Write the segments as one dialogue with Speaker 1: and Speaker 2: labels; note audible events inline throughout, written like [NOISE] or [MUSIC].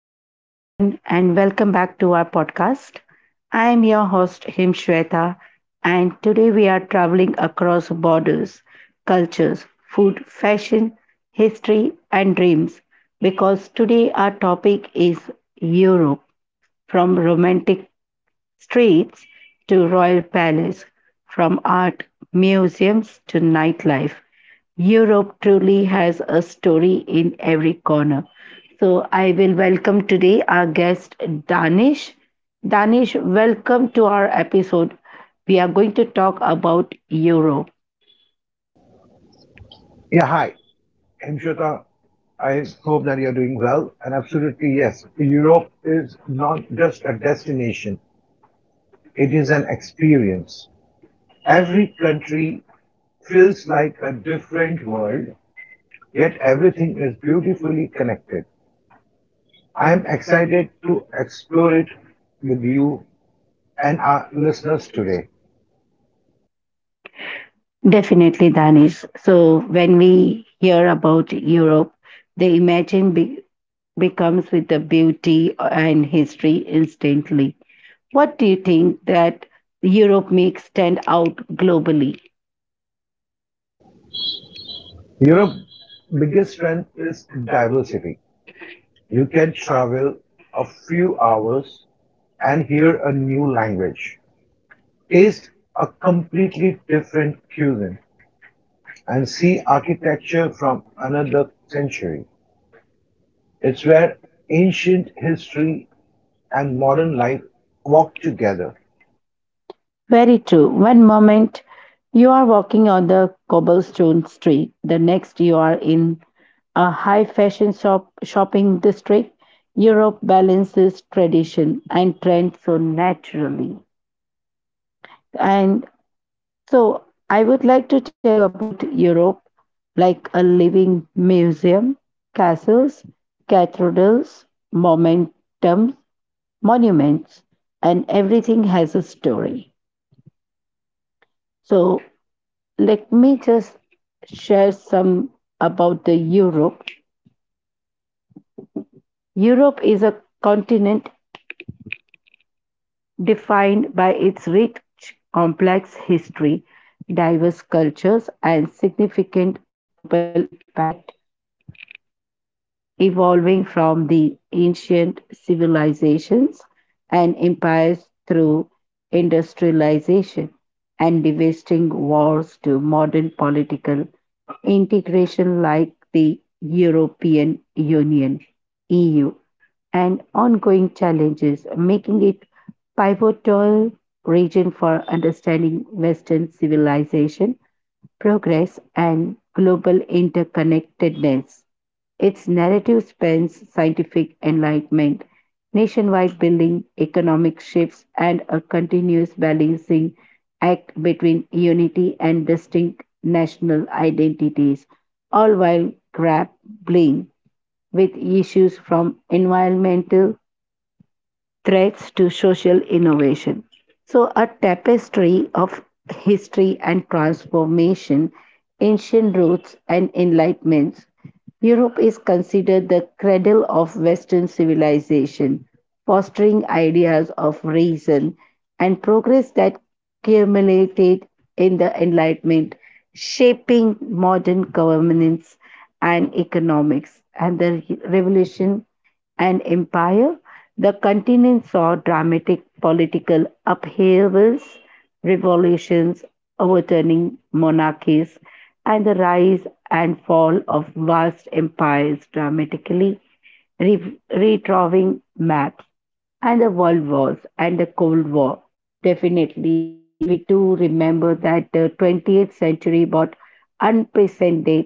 Speaker 1: Hello, everyone, and welcome back to our podcast. I am your host, Himshweta, and today we are traveling across borders, cultures, food, fashion, history, and dreams because today our topic is Europe, from romantic streets to royal palace, from art museums to nightlife. Europe truly has a story in every corner. So I will welcome today our guest Danish. Danish, welcome to our episode. We are going to talk about Europe.
Speaker 2: Yeah, hi. Hemshweta, I hope that you're doing well. And absolutely, yes, Europe is not just a destination, it is an experience. Every country feels like a different world, yet everything is beautifully connected. I am excited to explore it with you and our listeners today.
Speaker 1: Definitely, Danish. So when we hear about Europe, the imagine becomes with the beauty and history instantly. What do you think that Europe makes stand out globally?
Speaker 2: Europe's biggest strength is diversity. You can travel a few hours and hear a new language. Taste a completely different cuisine and see architecture from another century. It's where ancient history and modern life walk together.
Speaker 1: Very true. One moment you are walking on the cobblestone street, the next you are in a high fashion shop shopping district. Europe balances tradition and trend so naturally. And So, I would like to tell you about Europe, like a living museum, castles, cathedrals, momentum, monuments, and everything has a story. So, let me just share some about the Europe. Europe is a continent defined by its rich, complex history, diverse cultures, and significant global impact, evolving from the ancient civilizations and empires through industrialization and devastating wars to modern political integration like the European Union, EU, and ongoing challenges, making it pivotal region for understanding Western civilization, progress, and global interconnectedness. Its narrative spans scientific enlightenment, nationwide building, economic shifts, and a continuous balancing act between unity and distinct national identities, all while grappling with issues from environmental threats to social innovation. So, a tapestry of history and transformation, ancient roots and enlightenments, Europe is considered the cradle of Western civilization, fostering ideas of reason and progress that culminated in the Enlightenment, shaping modern governance and economics. And the revolution and empire, the continent saw dramatic political upheavals, revolutions, overturning monarchies, and the rise and fall of vast empires, dramatically retracing maps, and the world wars and the Cold War. Definitely, we do remember that the 20th century brought unprecedented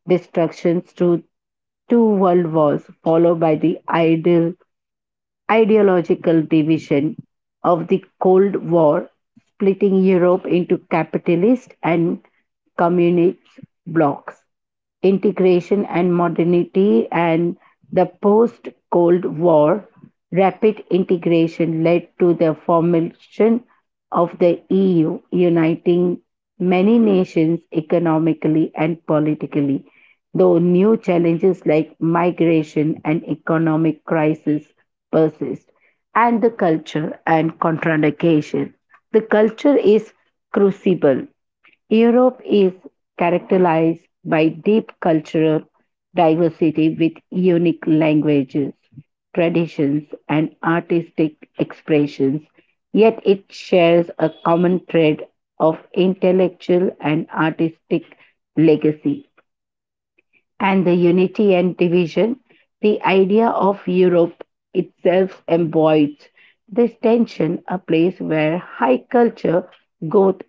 Speaker 1: destructions through two world wars, followed by the ideal ideological division of the Cold War, splitting Europe into capitalist and communist blocs, integration and modernity, and the post Cold War, rapid integration led to the formation of the EU, uniting many nations economically and politically. Though new challenges like migration and economic crisis persist, and the culture and contradiction. The culture is crucible. Europe is characterized by deep cultural diversity with unique languages, traditions, and artistic expressions, yet it shares a common thread of intellectual and artistic legacy. And the unity and division, the idea of Europe itself embodies this tension, a place where high culture, growth,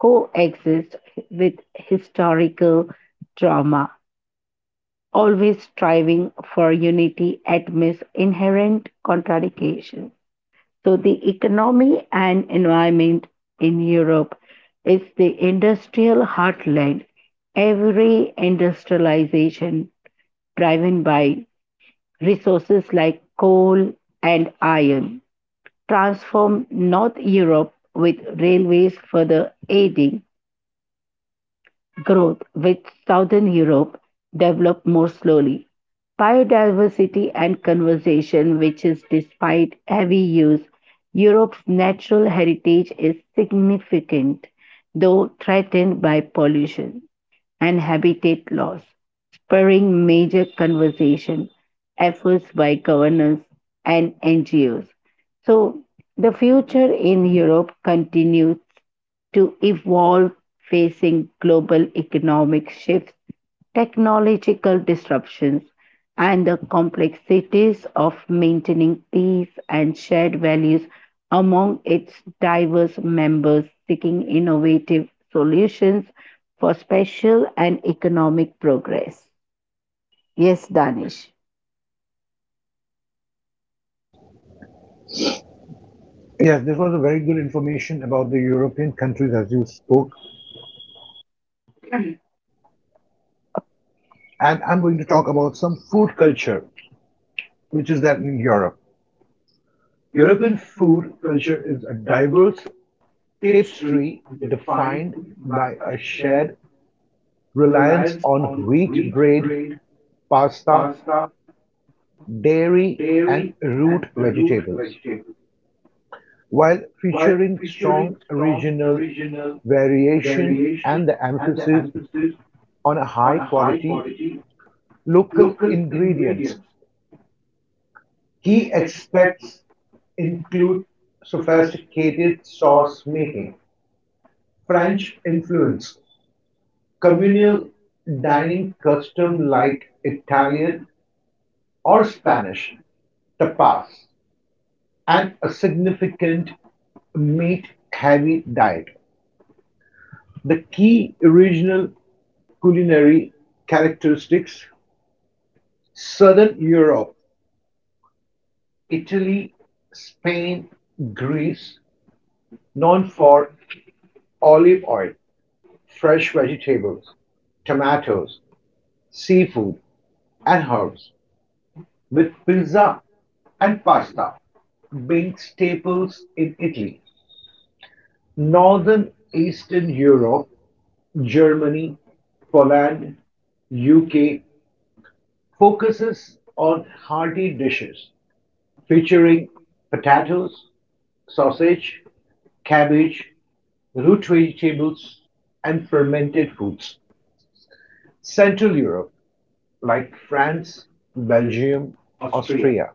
Speaker 1: coexist with historical trauma, always striving for unity amidst inherent contradictions. So, the economy and environment in Europe is the industrial heartland. Every industrialization driven by resources like coal and iron transformed North Europe, with railways further aiding growth, which Southern Europe developed more slowly. Biodiversity and conservation, which is despite heavy use, Europe's natural heritage is significant, though threatened by pollution and habitat loss, spurring major conservation efforts by governments and NGOs. So, the future in Europe continues to evolve, facing global economic shifts, technological disruptions, and the complexities of maintaining peace and shared values among its diverse members, seeking innovative solutions for spatial and economic progress. Yes, Danish.
Speaker 2: Yes, this was a very good information about the European countries as you spoke. And I'm going to talk about some food culture, which is that in Europe. European food culture is a diverse tapestry defined by a shared reliance on wheat bread, pasta, dairy and root vegetables, while featuring strong regional variation and the emphasis on high quality local ingredients. Key aspects include sophisticated sauce making, French influence, communal dining custom like Italian or Spanish tapas, and a significant meat heavy diet. The key regional culinary characteristics: Southern Europe, Italy, Spain, Greece, known for olive oil, fresh vegetables, tomatoes, seafood, and herbs, with pizza and pasta being staples in Italy. Northern Eastern Europe, Germany, Poland, UK, focuses on hearty dishes featuring potatoes, sausage, cabbage, root vegetables, and fermented foods. Central Europe, like France, Belgium, Austria,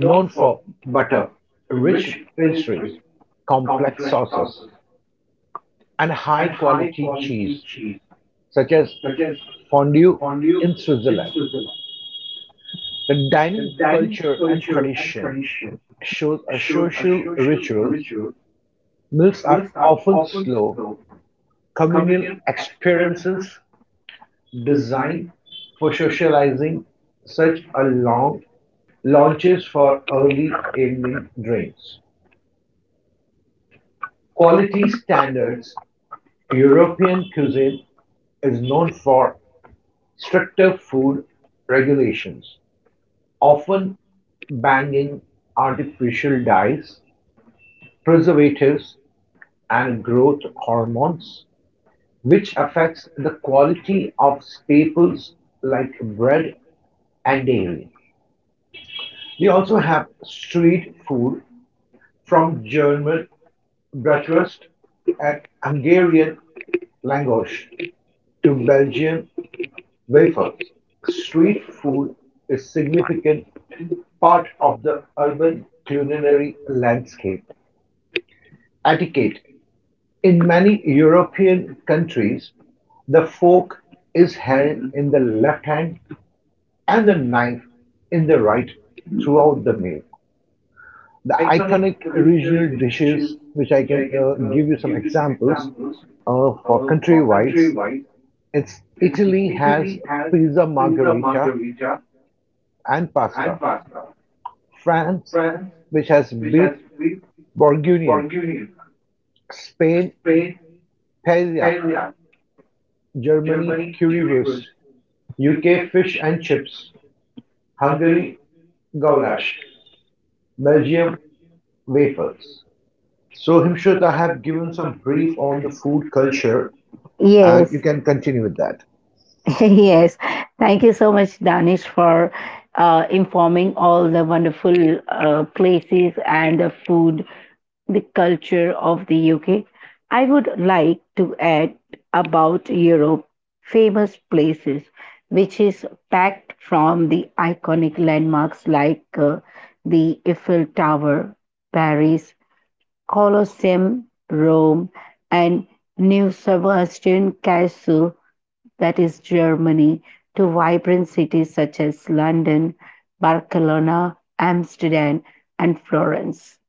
Speaker 2: known for butter, rich pastries, complex sauces, and high quality cheese, such as fondue in Switzerland. The dining culture and tradition shows a social rituals, meals are often slow, communal experiences designed for socializing, such as long launches for early evening drinks. Quality standards European cuisine is known for stricter food regulations, often banging artificial dyes, preservatives, and growth hormones which affects the quality of staples like bread and dairy. We also have street food from German bratwurst and Hungarian langosch to Belgian wafers. Street food is a significant part of the urban culinary landscape. Etiquette. In many European countries, the fork is held in the left hand and the knife in the right throughout the meal. The iconic regional dishes, which I can give you some examples for country wise, it's Italy has pizza margherita and pasta. France, which has beef bourguignon. Spain, paella. Germany, currywurst. UK, fish and chips. Hungary, goulash. Belgium, wafers. So, Himshut, I have given some brief on the food culture, and
Speaker 1: Yes.
Speaker 2: you can continue with that.
Speaker 1: [LAUGHS] Yes, thank you so much, Danish, for informing all the wonderful places and the food, the culture of the UK. I would like to add about Europe, famous places, which is packed from the iconic landmarks like the Eiffel Tower, Paris, Colosseum, Rome, and New Sebastian Castle, that is Germany, to vibrant cities such as London, Barcelona, Amsterdam, and Florence,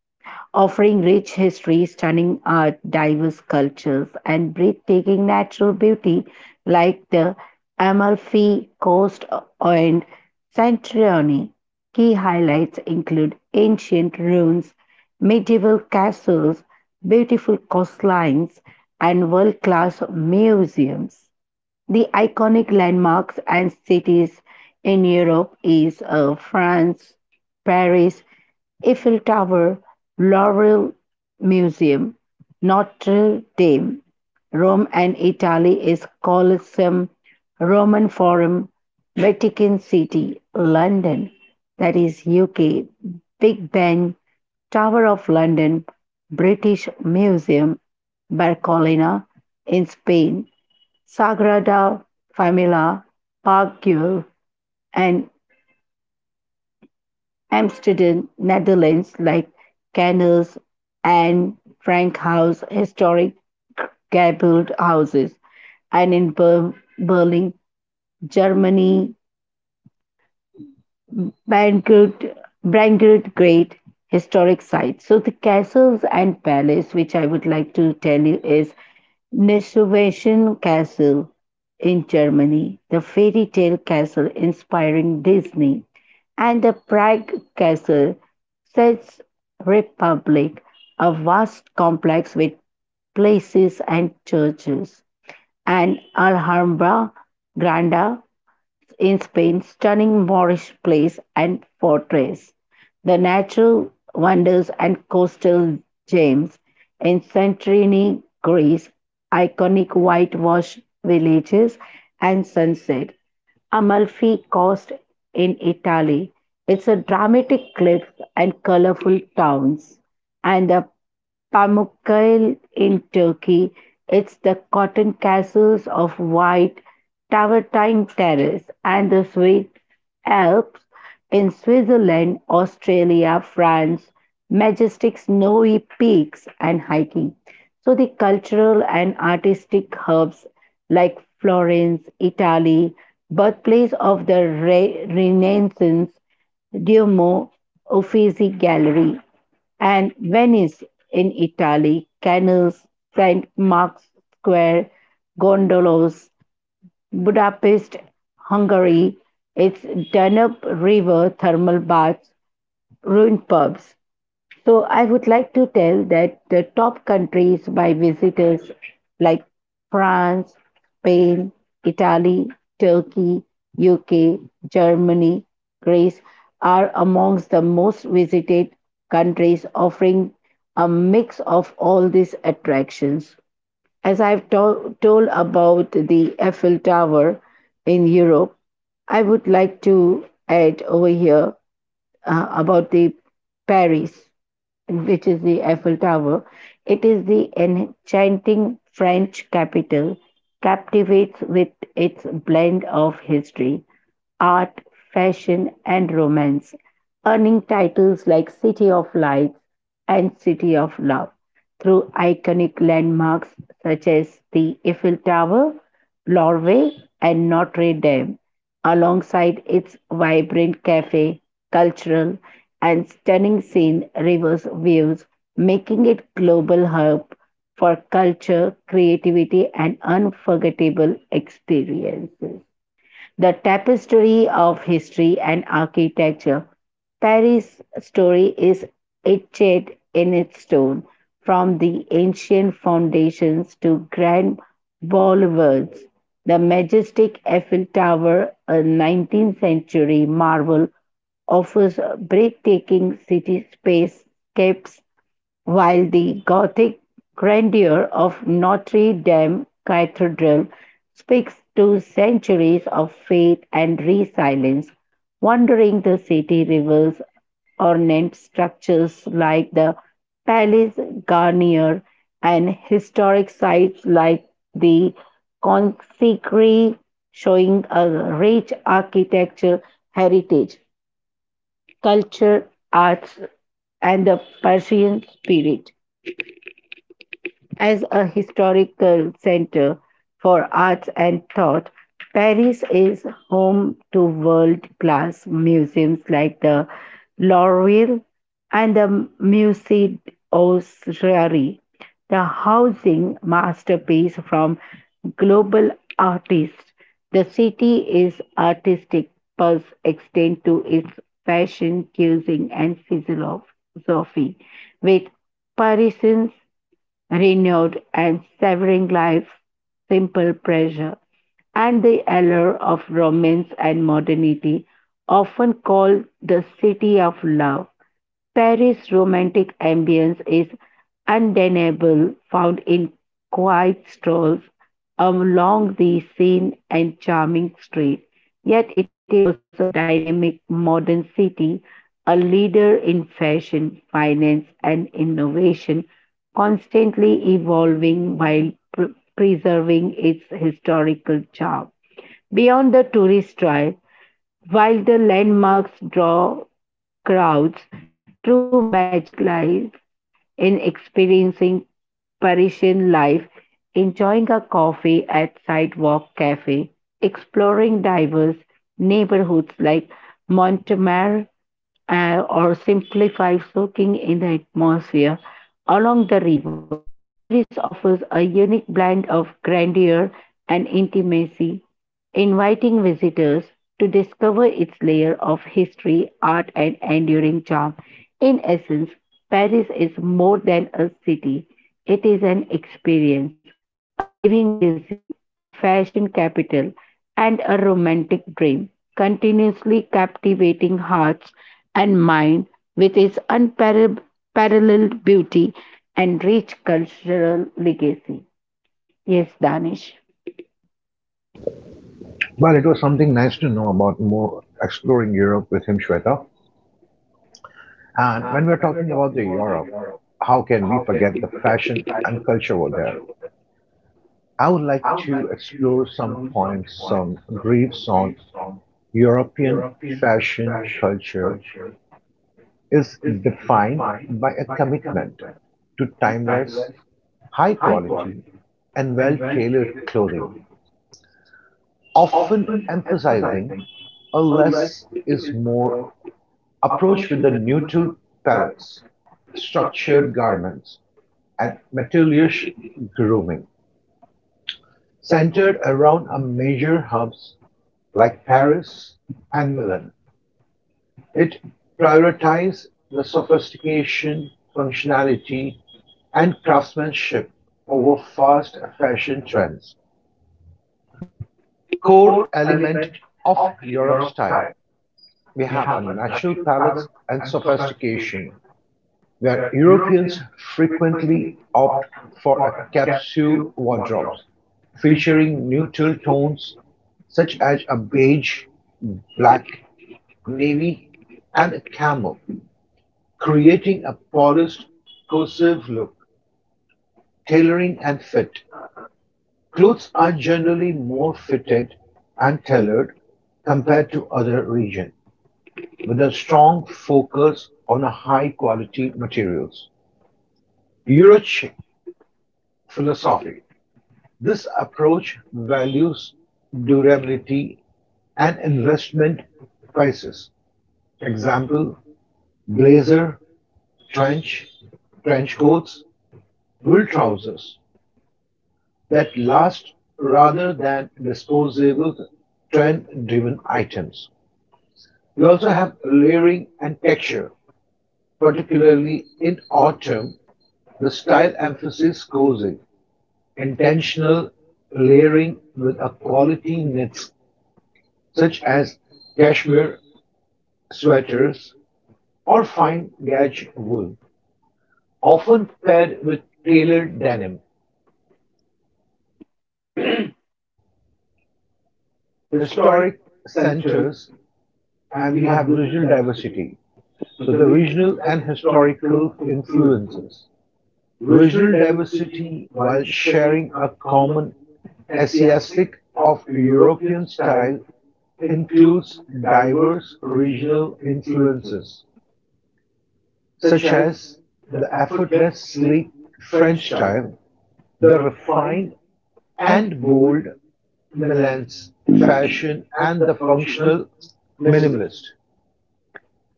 Speaker 1: offering rich history, stunning art, diverse cultures, and breathtaking natural beauty like the Amalfi Coast and Santorini. Key highlights include ancient ruins, medieval castles, beautiful coastlines, and world class museums. The iconic landmarks and cities in Europe is France, Paris, Eiffel Tower, Louvre Museum, Notre Dame. Rome and Italy is Colosseum, Roman Forum, Vatican City, London, that is UK, Big Ben, Tower of London, British Museum, Barcelona in Spain, Sagrada Familia, Parkgau, and Amsterdam, Netherlands, like Canals and Frankhouse, historic gabled houses, and in Berlin, Germany, Bangut, Brangut Great historic sites. So the castles and palace, which I would like to tell you, is Nesuwagen Castle in Germany, the fairy tale castle inspiring Disney, and the Prague Castle, Czech Republic, a vast complex with places and churches, and Alhambra Granda, in Spain's stunning Moorish places and fortress, the natural wonders and coastal gems in Santorini, Greece, iconic whitewashed villages and sunset, Amalfi Coast in Italy. It's a dramatic cliff and colorful towns and the Pamukkale in Turkey. It's the cotton castles of white Travertine Terrace, and the Swiss Alps in Switzerland, Australia, France, majestic snowy peaks and hiking. So the cultural and artistic hubs like Florence, Italy, birthplace of the Renaissance, Duomo Uffizi Gallery, and Venice in Italy, canals, St. Mark's Square, gondolas, Budapest, Hungary, its Danube River thermal baths, ruined pubs, so I would like to tell that the top countries by visitors like France, Spain, Italy, Turkey, UK, Germany, Greece are amongst the most visited countries, offering a mix of all these attractions. As I've told about the Eiffel Tower in Europe, I would like to add over here about the Paris, which is the Eiffel Tower, it is the enchanting French capital, captivates with its blend of history, art, fashion, and romance, earning titles like City of Lights and City of Love through iconic landmarks such as the Eiffel Tower, Louvre, and Notre Dame, alongside its vibrant cafe, cultural, and stunning scene rivers views, making it global hub for culture, creativity and unforgettable experiences. The tapestry of history and architecture, Paris' story is etched in its stone, from the ancient foundations to grand boulevards. The majestic Eiffel Tower, a 19th century marvel, offers breathtaking cityscape steps, while the Gothic grandeur of Notre Dame Cathedral speaks to centuries of faith and resilience. Wandering the city reveals ornate structures like the Palais Garnier and historic sites like the Consecry, showing a rich architecture heritage, culture, arts, and the Persian spirit. As a historical center for arts and thought, Paris is home to world class museums like the Louvre and the Musée d'Orsay, the housing masterpiece from global artists. The city is artistic pulse extend to its fashion, cuisine, and philosophy, with Parisians renewed and severing life's simple pleasure, and the allure of romance and modernity, often called the city of love. Paris' romantic ambience is undeniable, found in quiet strolls along the Seine and charming streets. Yet it is also a dynamic modern city, a leader in fashion, finance, and innovation, constantly evolving while preserving its historical charm. Beyond the tourist trail, while the landmarks draw crowds, the true magic lies in experiencing Parisian life, enjoying a coffee at Sidewalk Cafe, exploring diverse neighborhoods like Montmartre, or simplify soaking in the atmosphere along the river. Paris offers a unique blend of grandeur and intimacy, inviting visitors to discover its layer of history, art, and enduring charm. In essence, Paris is more than a city, it is an experience, a living museum, a fashion capital, and a romantic dream, continuously captivating hearts and mind with its unparalleled beauty and rich cultural legacy. Yes, Danish.
Speaker 2: Well, it was something nice to know about more exploring Europe with him, Shweta. And when we're talking about the Europe, how can we forget the fashion and culture over there? I would like to explore some points, some briefs on European fashion culture is defined by a commitment to timeless, high quality, and well tailored clothing often emphasizing a less is more approach with the neutral palettes, structured garments, and materialist grooming, centered around a major hubs like Paris and Milan. It prioritizes the sophistication, functionality, and craftsmanship over fast fashion trends, core element of Europe style. We have a natural palate and sophistication, where Europeans frequently opt for a capsule wardrobes featuring neutral tones such as a beige, black, navy, and a camel, creating a polished, cohesive look. Tailoring and fit. Clothes are generally more fitted and tailored compared to other regions, with a strong focus on a high quality materials. Eurochic philosophy. This approach values durability and investment prices. Example, blazer, trench, trench coats, wool trousers that last rather than disposable trend driven items. You also have layering and texture. Particularly in autumn, the style emphasizes cozy, intentional layering with a quality knits such as cashmere sweaters or fine gauge wool, often paired with tailored denim. Historic centers, and we have regional diversity. So the regional and historical influences. Regional diversity while sharing a common Asiatic of European style includes diverse regional influences, such as the effortless sleek French style, the refined and bold Milanese fashion, and the functional minimalist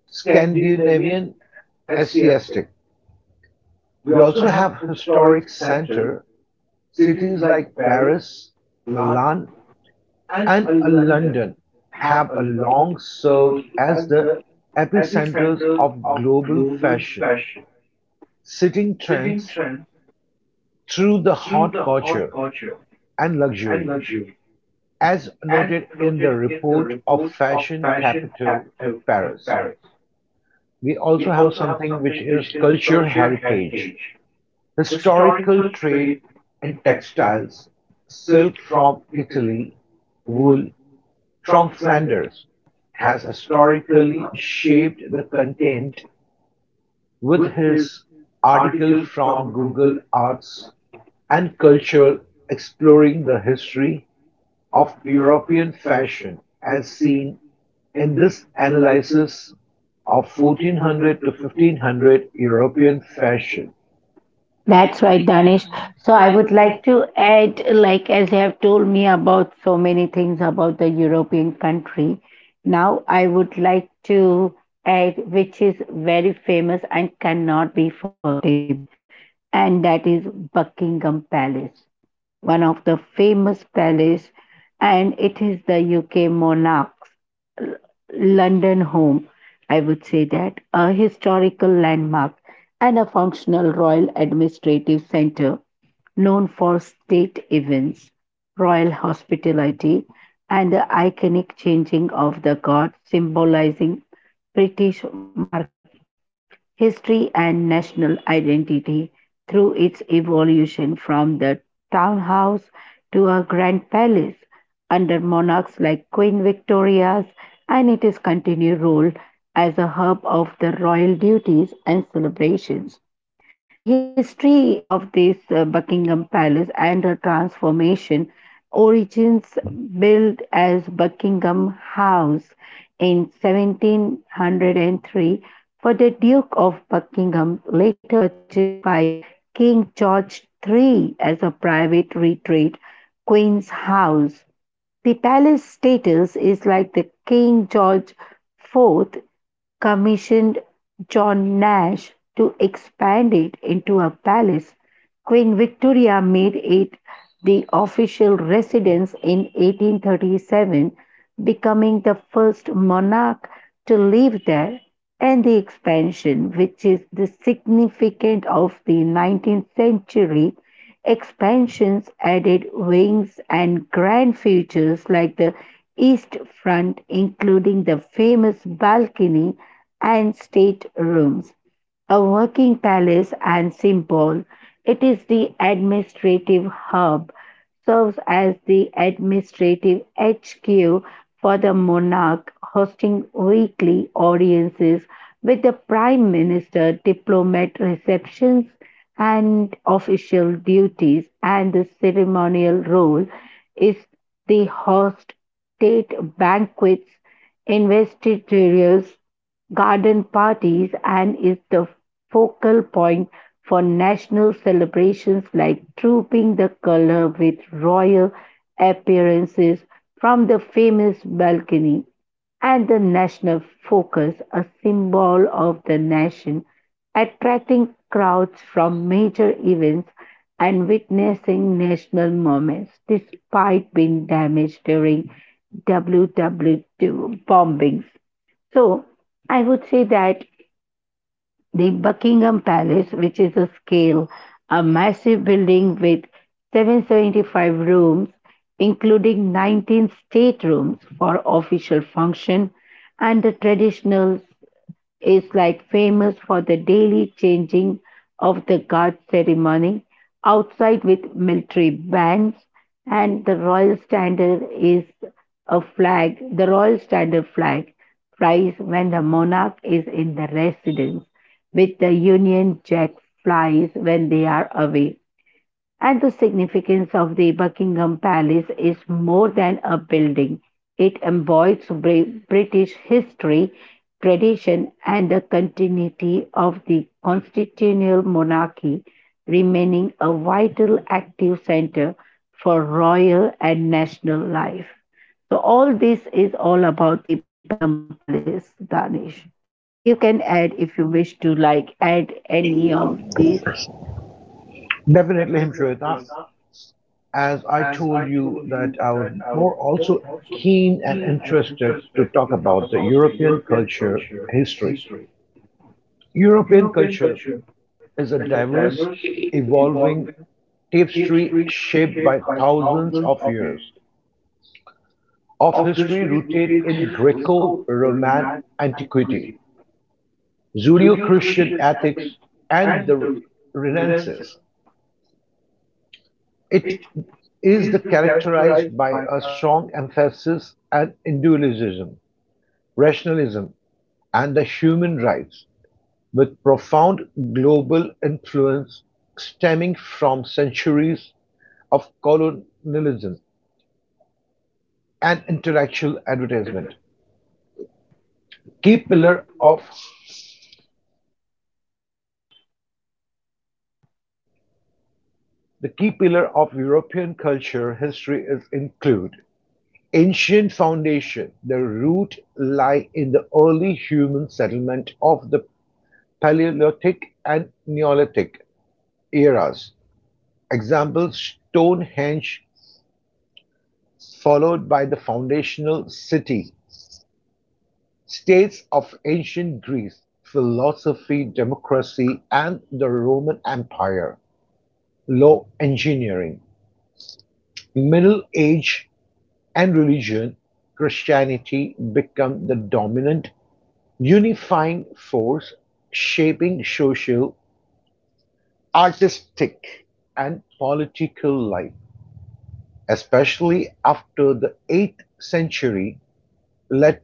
Speaker 2: Scandinavian Asiatic. We also have historic center Cities like Paris, Milan, and London have a long served as the epicenters of global fashion, setting trends through the hot culture and luxury, as noted in the report of Fashion Capital of Paris. We also have something which is culture heritage, historical trade and textiles, silk from Italy, wool from Flanders has historically shaped the content with his article from Google Arts and Culture exploring the history of European fashion as seen in this analysis of 1400 to 1500 European fashion.
Speaker 1: That's
Speaker 2: That's
Speaker 1: right,
Speaker 2: right,
Speaker 1: Danish. So
Speaker 2: So
Speaker 1: I
Speaker 2: I
Speaker 1: would
Speaker 2: would
Speaker 1: like
Speaker 2: like
Speaker 1: to add, like as you have told me about so many things about the European country, now I would like to add, which is very famous and cannot be forgettable, and that is Buckingham Palace, one of the famous palace, and it is the UK monarch's L- London home. I would say that a historical landmark and a functional royal administrative center, known for state events, royal hospitality, and the iconic changing of the guard, symbolizing British monarchy history and national identity through its evolution from the townhouse to a grand palace under monarchs like Queen Victoria's, and its continued role as a hub of the royal duties and celebrations. The history of this Buckingham Palace and the transformation origins, built as Buckingham House in 1703 for the Duke of Buckingham, later purchased by King George III as a private retreat, Queen's House. The palace status is like the King George IV commissioned John Nash to expand it into a palace. Queen Victoria made it the official residence in 1837, becoming the first monarch to live there, and the expansion, which is the significant of the 19th century expansions, added wings and grand features like the east front, including the famous balcony and state rooms, a working palace and symbol. It is the administrative hub, serves as the administrative HQ for the monarch, hosting weekly audiences with the prime minister, diplomat receptions, and official duties, and the ceremonial role is the host state banquets, investitures, garden parties, and is the focal point for national celebrations like trooping the color, with royal appearances from the famous balcony, and the national focus, a symbol of the nation, attracting crowds from major events and witnessing national moments despite being damaged during WWII bombings. So I would say that the Buckingham Palace, which is a scale, a massive building with 775 rooms, including 19 state rooms for official function, and the traditional is like famous for the daily changing of the guard ceremony outside with military bands, and the royal standard is a flag, the royal standard flag flies when the monarch is in the residence, with the union jack flies when they are away, and the significance of the Buckingham Palace is more than a building. It embodies British history, tradition, and the continuity of the constitutional monarchy, remaining a vital active center for royal and national life. So, all this is all about the Buckingham Palace, Danish. You can add if you wish to, like, add any of this.
Speaker 2: Definitely him, Shweta. As I told you that I was more also keen and interested to talk about the European culture history. European culture is a diverse, evolving tapestry shaped by thousands of years of history rooted in Greco Roman antiquity, Judeo Christian ethics, and the Renaissance. It is the characterized by a strong emphasis on individualism, rationalism, and the human rights, with profound global influence stemming from centuries of colonialism and intellectual advertisement. Key pillar of the key pillar of European culture history is include ancient foundation. The root lie in the early human settlement of the Paleolithic and Neolithic eras. Example Stonehenge followed by the foundational city, states of ancient Greece, philosophy, democracy, and the Roman Empire, law, engineering, Middle Age, and religion, Christianity become the dominant unifying force shaping social, artistic, and political life, especially after the 8th century Lat-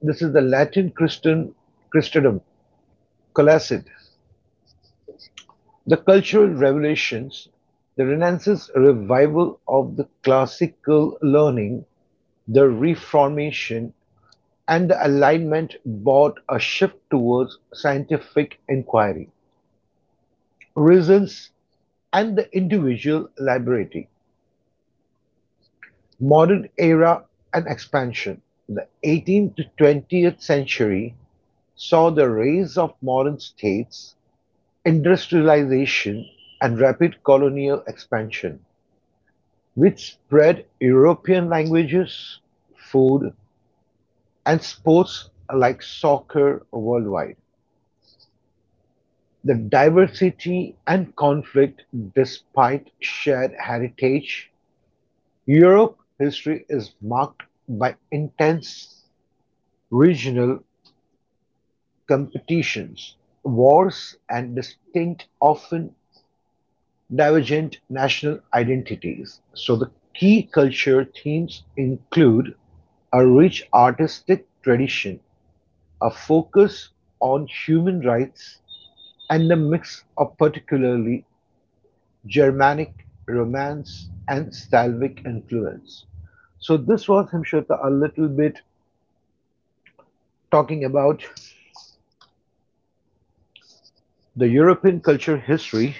Speaker 2: this is the Latin Christian Christendom, Colacid. The cultural revelations, the Renaissance revival of the classical learning, the Reformation, and the Enlightenment brought a shift towards scientific inquiry, results, and the individual liberty. Modern era and expansion. The 18th to 20th century saw the rise of modern states, industrialization and rapid colonial expansion, which spread European languages, food, and sports like soccer worldwide. The diversity and conflict, despite shared heritage, Europe's history is marked by intense regional competitions, wars, and distinct, often divergent national identities, so the key culture themes include a rich artistic tradition, a focus on human rights, and a mix of particularly Germanic romance and Slavic influence. So this was Himshota a little bit talking about the European culture history.